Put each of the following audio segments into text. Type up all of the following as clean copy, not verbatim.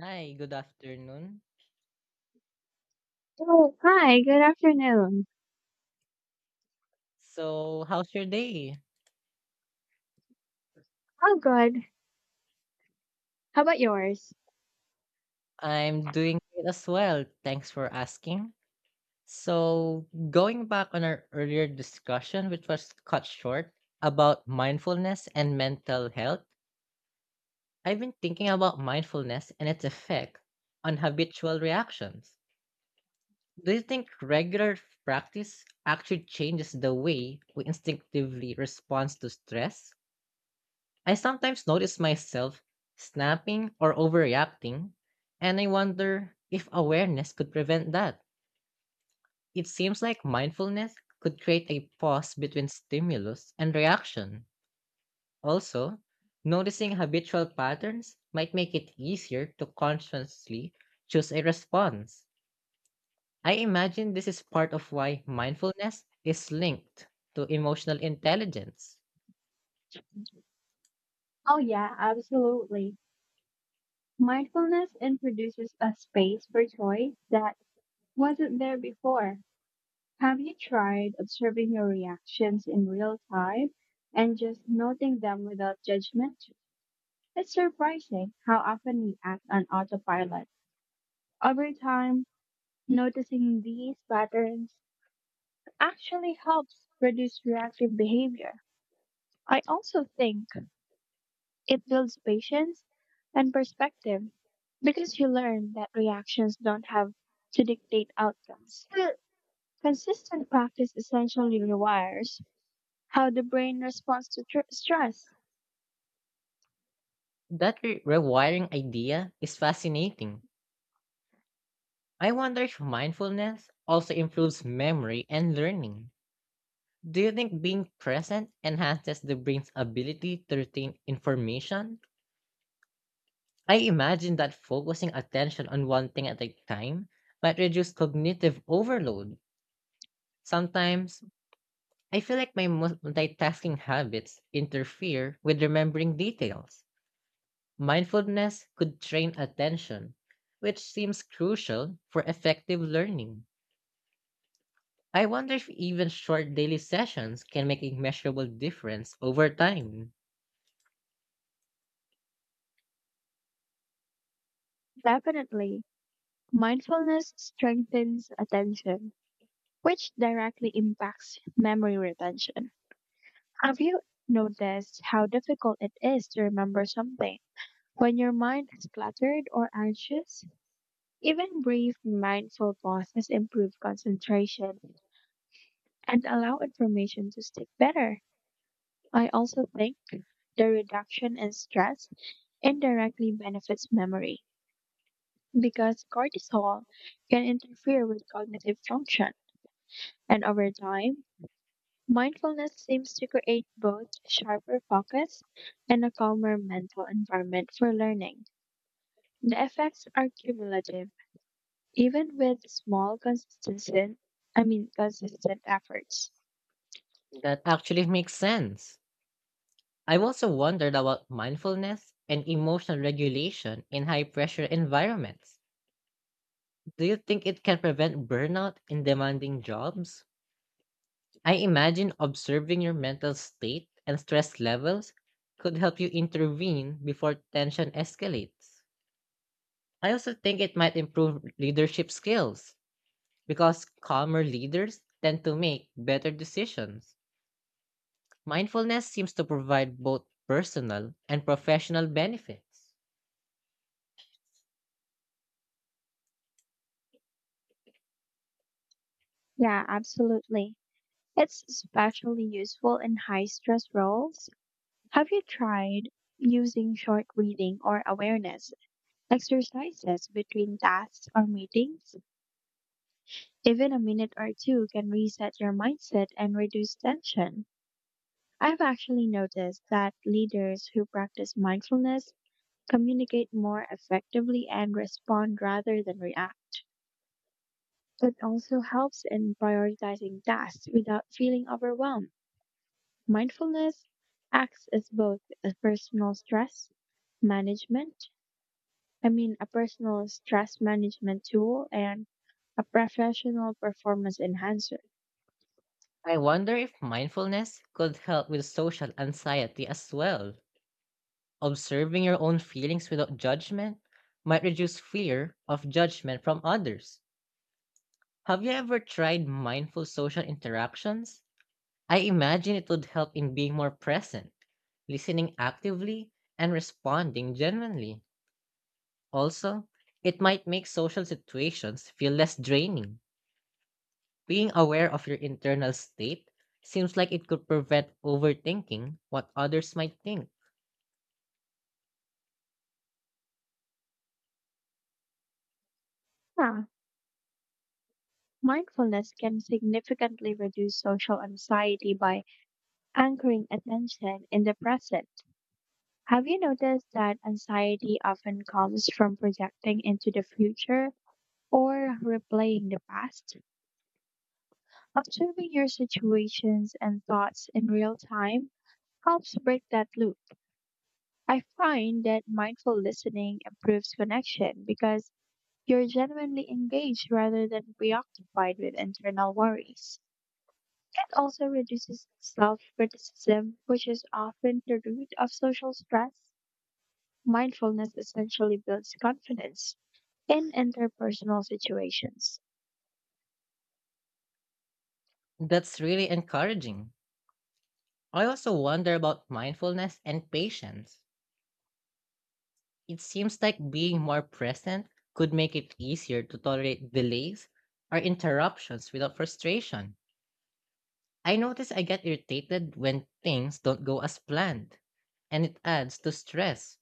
Hi, good afternoon. Oh, hi, good afternoon. So, how's your day? Oh, good. How about yours? I'm doing great as well. Thanks for asking. So, going back on our earlier discussion, which was cut short about mindfulness and mental health, I've been thinking about mindfulness and its effect on habitual reactions. Do you think regular practice actually changes the way we instinctively respond to stress? I sometimes notice myself snapping or overreacting, and I wonder if awareness could prevent that. It seems like mindfulness could create a pause between stimulus and reaction. Also, noticing habitual patterns might make it easier to consciously choose a response. I imagine this is part of why mindfulness is linked to emotional intelligence. Oh, yeah, absolutely. Mindfulness introduces a space for choice that wasn't there before. Have you tried observing your reactions in real time and just noting them without judgment? It's surprising how often we act on autopilot. Over time, noticing these patterns actually helps reduce reactive behavior. I also think it builds patience and perspective because you learn that reactions don't have to dictate outcomes. Still, consistent practice essentially rewires how the brain responds to stress. That rewiring idea is fascinating. I wonder if mindfulness also improves memory and learning. Do you think being present enhances the brain's ability to retain information? I imagine that focusing attention on one thing at a time might reduce cognitive overload. Sometimes, I feel like my multitasking habits interfere with remembering details. Mindfulness could train attention, which seems crucial for effective learning. I wonder if even short daily sessions can make a measurable difference over time. Definitely, mindfulness strengthens attention, which directly impacts memory retention. Have you noticed how difficult it is to remember something when your mind is cluttered or anxious? Even brief mindful pauses improve concentration and allow information to stick better. I also think the reduction in stress indirectly benefits memory because cortisol can interfere with cognitive function. And over time, mindfulness seems to create both sharper focus and a calmer mental environment for learning. The effects are cumulative, even with small consistent, I mean consistent efforts. That actually makes sense. I've also wondered about mindfulness and emotional regulation in high pressure environments. Do you think it can prevent burnout in demanding jobs? I imagine observing your mental state and stress levels could help you intervene before tension escalates. I also think it might improve leadership skills because calmer leaders tend to make better decisions. Mindfulness seems to provide both personal and professional benefits. Yeah, absolutely. It's especially useful in high stress roles. Have you tried using short breathing or awareness exercises between tasks or meetings? Even a minute or two can reset your mindset and reduce tension. I've actually noticed that leaders who practice mindfulness communicate more effectively and respond rather than react. It also helps in prioritizing tasks without feeling overwhelmed. Mindfulness acts as both management, a personal stress management tool and a professional performance enhancer. I wonder if mindfulness could help with social anxiety as well. Observing your own feelings without judgment might reduce fear of judgment from others. Have you ever tried mindful social interactions? I imagine it would help in being more present, listening actively, and responding genuinely. Also, it might make social situations feel less draining. Being aware of your internal state seems like it could prevent overthinking what others might think. Yeah, mindfulness can significantly reduce social anxiety by anchoring attention in the present. Have you noticed that anxiety often comes from projecting into the future or replaying the past? Observing your situations and thoughts in real time helps break that loop. I find that mindful listening improves connection because you're genuinely engaged rather than preoccupied with internal worries. It also reduces self criticism, which is often the root of social stress. Mindfulness essentially builds confidence in interpersonal situations. That's really encouraging. I also wonder about mindfulness and patience. It seems like being more present could make it easier to tolerate delays or interruptions without frustration. I notice I get irritated when things don't go as planned, and it adds to stress.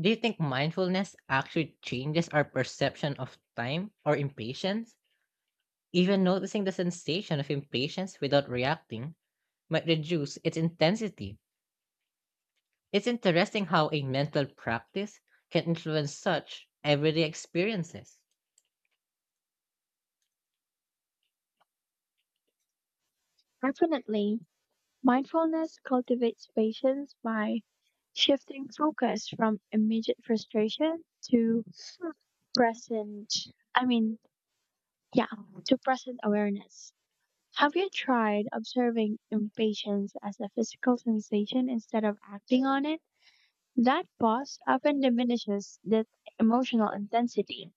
Do you think mindfulness actually changes our perception of time or impatience? Even noticing the sensation of impatience without reacting might reduce its intensity. It's interesting how a mental practice can influence such everyday experiences. Definitely, mindfulness cultivates patience by shifting focus from immediate frustration to present I mean yeah to present awareness. Have you tried observing impatience as a physical sensation instead of acting on it? That pause often diminishes the emotional intensity.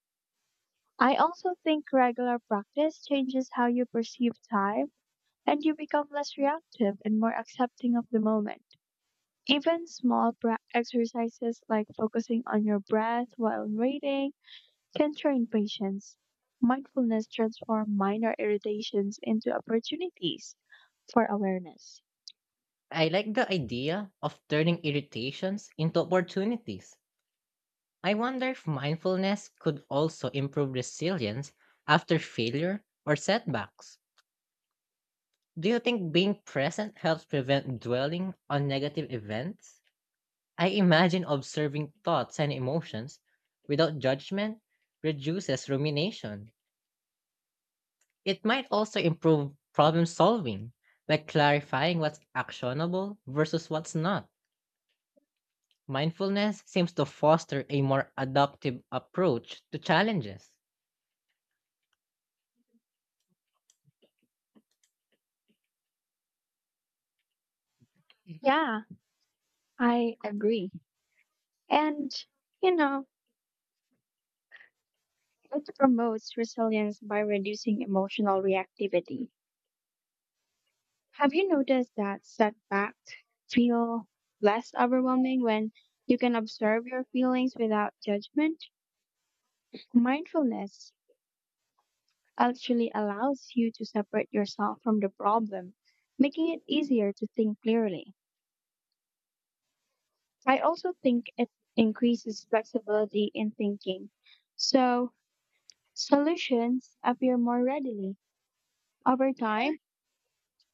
I also think regular practice changes how you perceive time, and you become less reactive and more accepting of the moment. Even small exercises like focusing on your breath while waiting, centering patience, mindfulness transforms minor irritations into opportunities for awareness. I like the idea of turning irritations into opportunities. I wonder if mindfulness could also improve resilience after failure or setbacks. Do you think being present helps prevent dwelling on negative events? I imagine observing thoughts and emotions without judgment reduces rumination. It might also improve problem solving by clarifying what's actionable versus what's not. Mindfulness seems to foster a more adaptive approach to challenges. Yeah, I agree. And, you know, it promotes resilience by reducing emotional reactivity. Have you noticed that setbacks feel less overwhelming when you can observe your feelings without judgment? Mindfulness actually allows you to separate yourself from the problem, making it easier to think clearly. I also think it increases flexibility in thinking, so solutions appear more readily. Over time,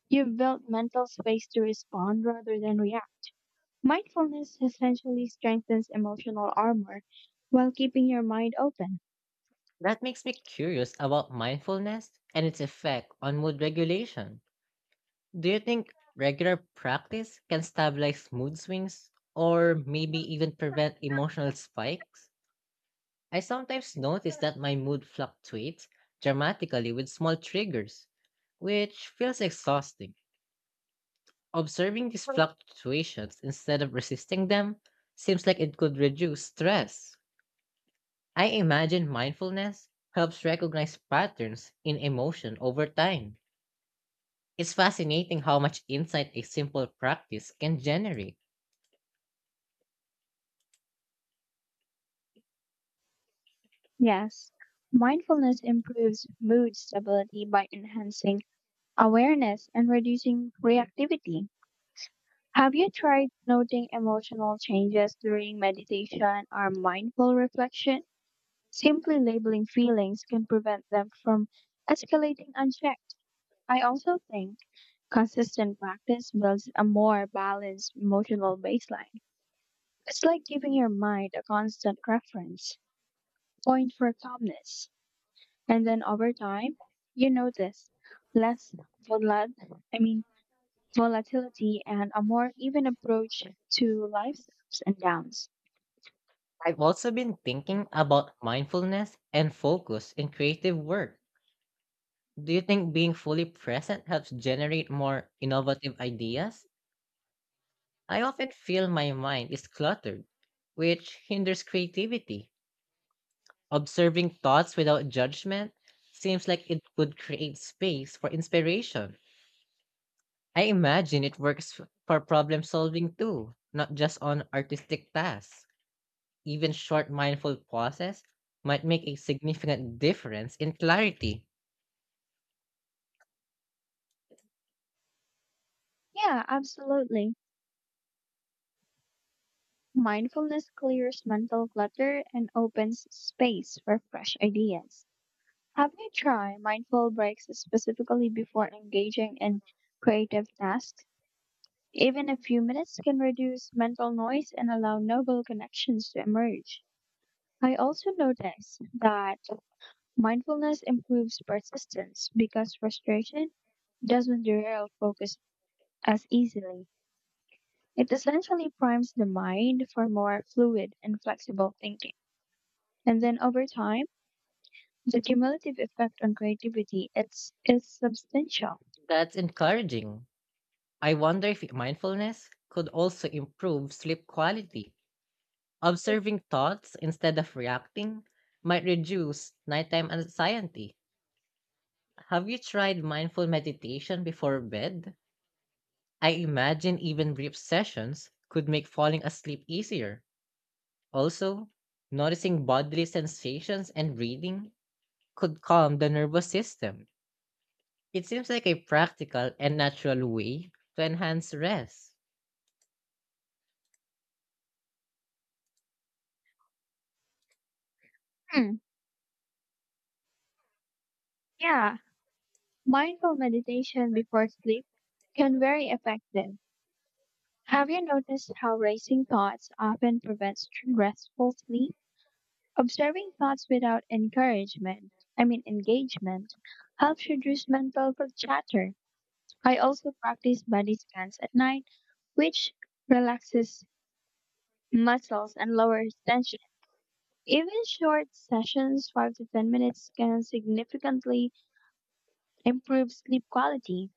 you've built mental space to respond rather than react. Mindfulness essentially strengthens emotional armor while keeping your mind open. That makes me curious about mindfulness and its effect on mood regulation. Do you think regular practice can stabilize mood swings or maybe even prevent emotional spikes? I sometimes notice that my mood fluctuates dramatically with small triggers, which feels exhausting. Observing these fluctuations instead of resisting them seems like it could reduce stress. I imagine mindfulness helps recognize patterns in emotion over time. It's fascinating how much insight a simple practice can generate. Yes, mindfulness improves mood stability by enhancing awareness and reducing reactivity. Have you tried noting emotional changes during meditation or mindful reflection? Simply labeling feelings can prevent them from escalating unchecked. I also think consistent practice builds a more balanced emotional baseline. It's like giving your mind a constant reference point for calmness. And then over time, you notice less volat I mean volatility and a more even approach to life's ups and downs. I've also been thinking about mindfulness and focus in creative work. Do you think being fully present helps generate more innovative ideas? I often feel my mind is cluttered, which hinders creativity. Observing thoughts without judgment seems like it could create space for inspiration. I imagine it works for problem solving too, not just on artistic tasks. Even short mindful pauses might make a significant difference in clarity. Yeah, absolutely. Mindfulness clears mental clutter and opens space for fresh ideas. Have you tried mindful breaks specifically before engaging in creative tasks? Even a few minutes can reduce mental noise and allow noble connections to emerge. I also notice that mindfulness improves persistence because frustration doesn't derail focus as easily. It essentially primes the mind for more fluid and flexible thinking. And then over time, the cumulative effect on creativity is substantial. That's encouraging. I wonder if mindfulness could also improve sleep quality. Observing thoughts instead of reacting might reduce nighttime anxiety. Have you tried mindful meditation before bed? I imagine even brief sessions could make falling asleep easier. Also, noticing bodily sensations and breathing could calm the nervous system. It seems like a practical and natural way to enhance rest. Hmm, yeah, mindful meditation before sleep can very effective. Have you noticed how racing thoughts often prevents restful sleep? Observing thoughts without encouragement, I mean engagement, helps reduce mental chatter. I also practice body scans at night, which relaxes muscles and lowers tension. Even short sessions, 5 to 10 minutes, can significantly improve sleep quality.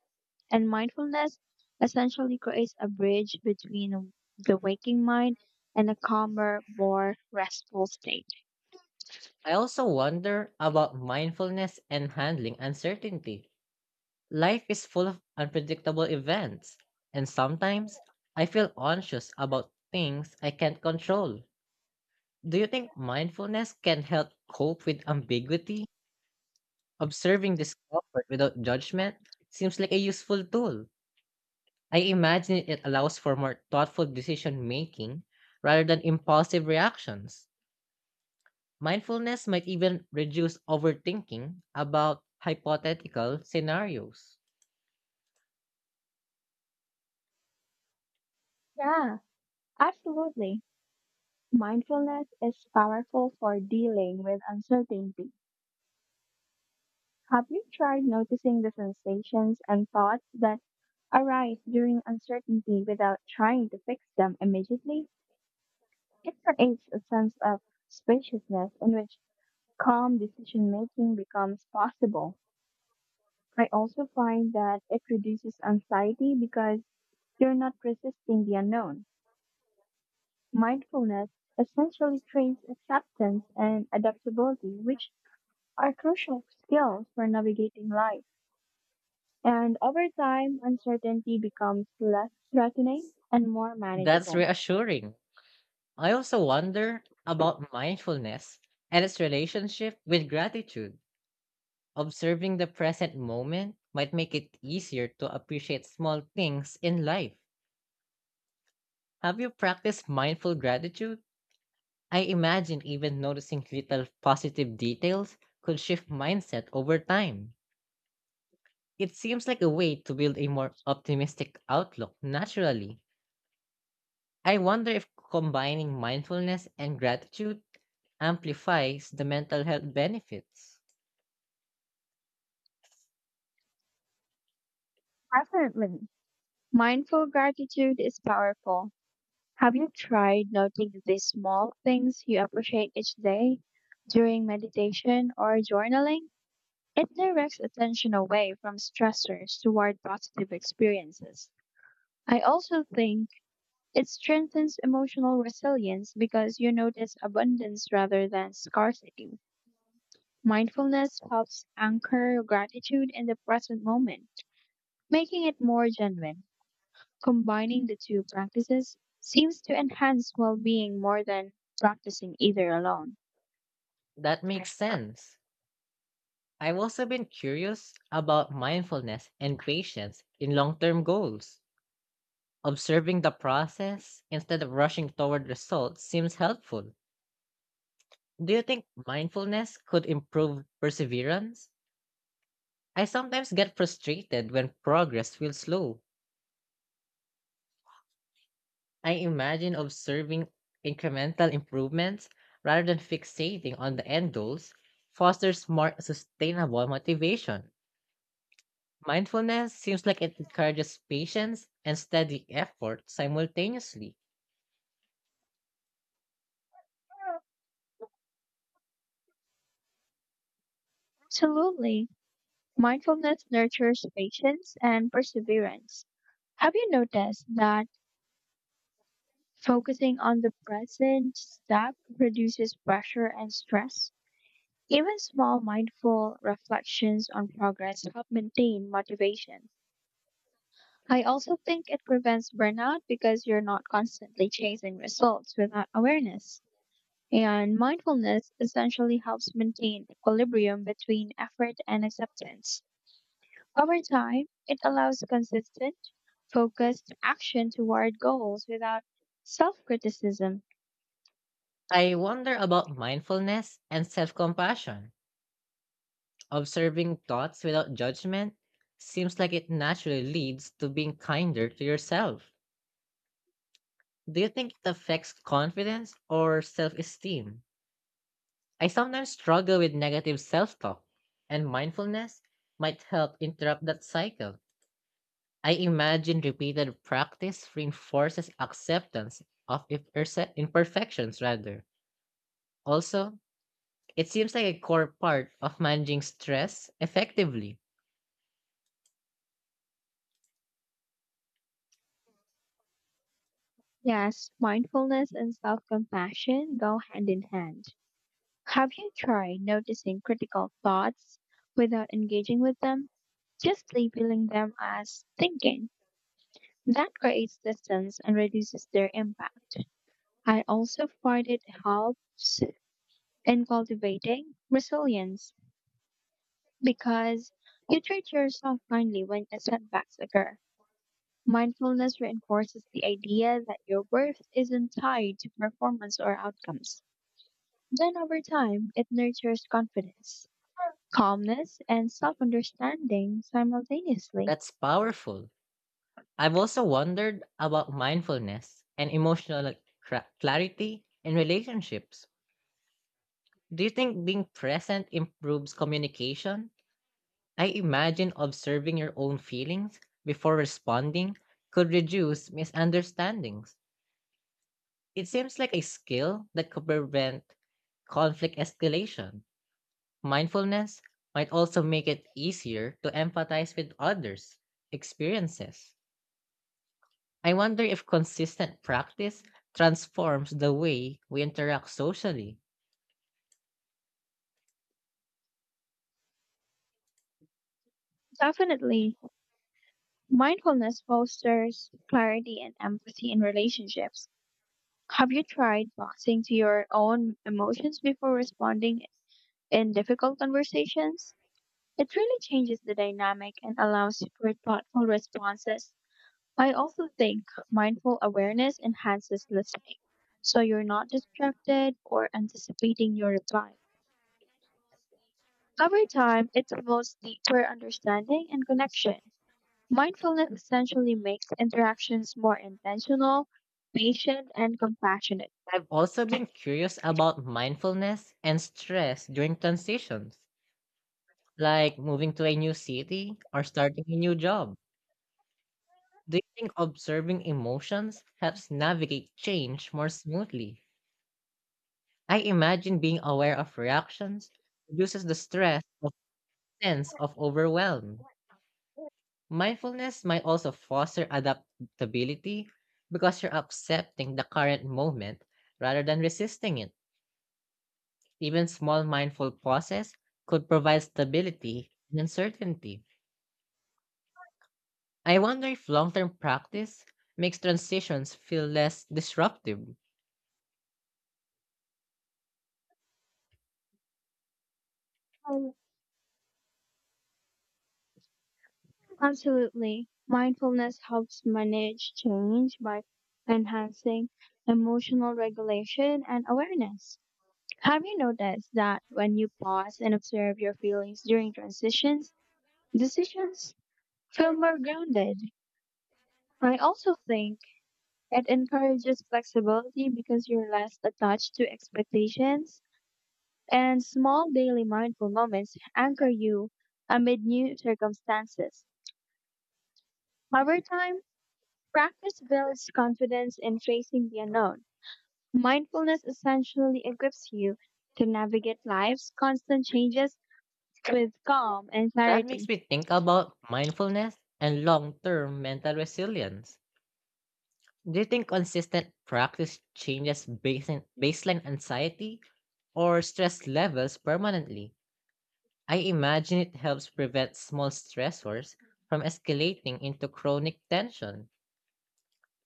And mindfulness essentially creates a bridge between the waking mind and a calmer, more restful state. I also wonder about mindfulness and handling uncertainty. Life is full of unpredictable events, and sometimes I feel anxious about things I can't control. Do you think mindfulness can help cope with ambiguity? Observing discomfort without judgment seems like a useful tool. I imagine it allows for more thoughtful decision making rather than impulsive reactions. Mindfulness might even reduce overthinking about hypothetical scenarios. Yeah, absolutely. Mindfulness is powerful for dealing with uncertainty. Have you tried noticing the sensations and thoughts that arise during uncertainty without trying to fix them immediately? It creates a sense of spaciousness in which calm decision making becomes possible. I also find that it reduces anxiety because you're not resisting the unknown. Mindfulness essentially trains acceptance and adaptability, which are crucial skills for navigating life. And over time, uncertainty becomes less threatening and more That's manageable. reassuring. I also wonder about mindfulness and its relationship with gratitude. Observing the present moment might make it easier to appreciate small things in life. Have you practiced mindful gratitude? I imagine even noticing little positive details could shift mindset over time. It seems like a way to build a more optimistic outlook naturally. I wonder if combining mindfulness and gratitude amplifies the mental health benefits. Definitely. Mindful gratitude is powerful. Have you tried noting the small things you appreciate each day during meditation or journaling? It directs attention away from stressors toward positive experiences. I also think it strengthens emotional resilience because you notice abundance rather than scarcity. Mindfulness helps anchor gratitude in the present moment, making it more genuine. Combining the two practices seems to enhance well being more than practicing either alone. That makes sense. I've also been curious about mindfulness and patience in long term goals. Observing the process instead of rushing toward results seems helpful. Do you think mindfulness could improve perseverance? I sometimes get frustrated when progress feels slow. I imagine observing incremental improvements rather than fixating on the end goals fosters more sustainable motivation. Mindfulness seems like it encourages patience and steady effort simultaneously. Absolutely. Mindfulness nurtures patience and perseverance. Have you noticed that focusing on the present step reduces pressure and stress? Even small mindful reflections on progress help maintain motivation. I also think it prevents burnout because you're not constantly chasing results without awareness. And mindfulness essentially helps maintain equilibrium between effort and acceptance. Over time, it allows consistent, focused action toward goals without self criticism. I wonder about mindfulness and self compassion. Observing thoughts without judgment seems like it naturally leads to being kinder to yourself. Do you think it affects confidence or self esteem? I sometimes struggle with negative self talk, and mindfulness might help interrupt that cycle. I imagine repeated practice reinforces acceptance of imperfections, rather. Also, it seems like a core part of managing stress effectively. Yes, mindfulness and self compassion go hand in hand. Have you tried noticing critical thoughts without engaging with them? Just labeling them as thinking. That creates distance and reduces their impact. I also find it helps in cultivating resilience because you treat yourself kindly when setbacks occur. Mindfulness reinforces the idea that your worth isn't tied to performance or outcomes. Then over time, it nurtures confidence, calmness, and self understanding simultaneously. That's powerful. I've also wondered about mindfulness and emotional clarity in relationships. Do you think being present improves communication? I imagine observing your own feelings before responding could reduce misunderstandings. It seems like a skill that could prevent conflict escalation. Mindfulness might also make it easier to empathize with others' experiences. I wonder if consistent practice transforms the way we interact socially. Definitely, mindfulness fosters clarity and empathy in relationships. Have you tried boxing to your own emotions before responding in difficult conversations? It really changes the dynamic and allows for thoughtful responses. I also think mindful awareness enhances listening, so you're not distracted or anticipating your reply. Over time, it promotes deeper understanding and connection. Mindfulness essentially makes interactions more intentional, patient, and compassionate. I've also been curious about mindfulness and stress during transitions, like moving to a new city or starting a new job. Do you think observing emotions helps navigate change more smoothly? I imagine being aware of reactions reduces the stress of sense of overwhelm. Mindfulness might also foster adaptability because you're accepting the current moment rather than resisting it. Even small mindful pauses could provide stability and uncertainty. I wonder if long term practice makes transitions feel less disruptive. Um, Absolutely. Mindfulness helps manage change by enhancing emotional regulation and awareness. Have you noticed that when you pause and observe your feelings during transitions, decisions feel more grounded? I also think it encourages flexibility because you're less attached to expectations, and small daily mindful moments anchor you amid new circumstances. Over time, practice builds confidence in facing the unknown. Mindfulness essentially equips you to navigate life's constant changes with calm and That makes clarity. me think about mindfulness and long term mental resilience. Do you think consistent practice changes baseline anxiety or stress levels permanently? I imagine it helps prevent small stressors from escalating into chronic tension.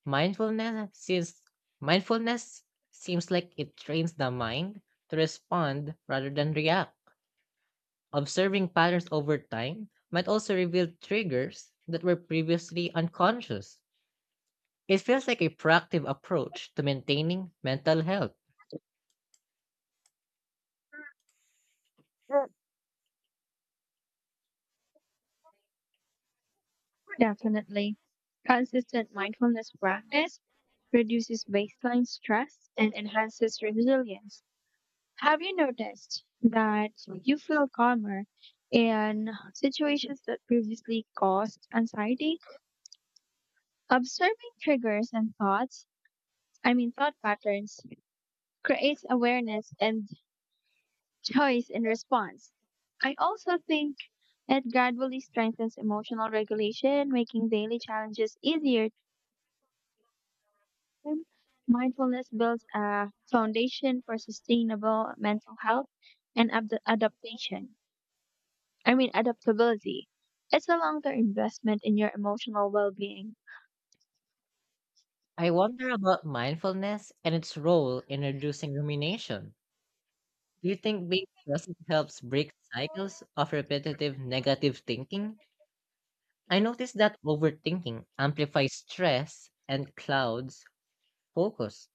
Mindfulness seems, mindfulness seems like it trains the mind to respond rather than react. Observing patterns over time might also reveal triggers that were previously unconscious. It feels like a proactive approach to maintaining mental health. Mm, Definitely. Consistent mindfulness practice reduces baseline stress and enhances resilience. Have you noticed that you feel calmer in situations that previously caused anxiety? Observing triggers and thoughts, I mean, thought patterns, creates awareness and choice in response. I also think it gradually strengthens emotional regulation, making daily challenges easier system, mindfulness builds a foundation for sustainable mental health and adaptability. It's a long term investment in your emotional well being. I wonder about mindfulness and its role in reducing rumination. Do you think being present helps break cycles of repetitive negative thinking? I noticed that overthinking amplifies stress and clouds focus.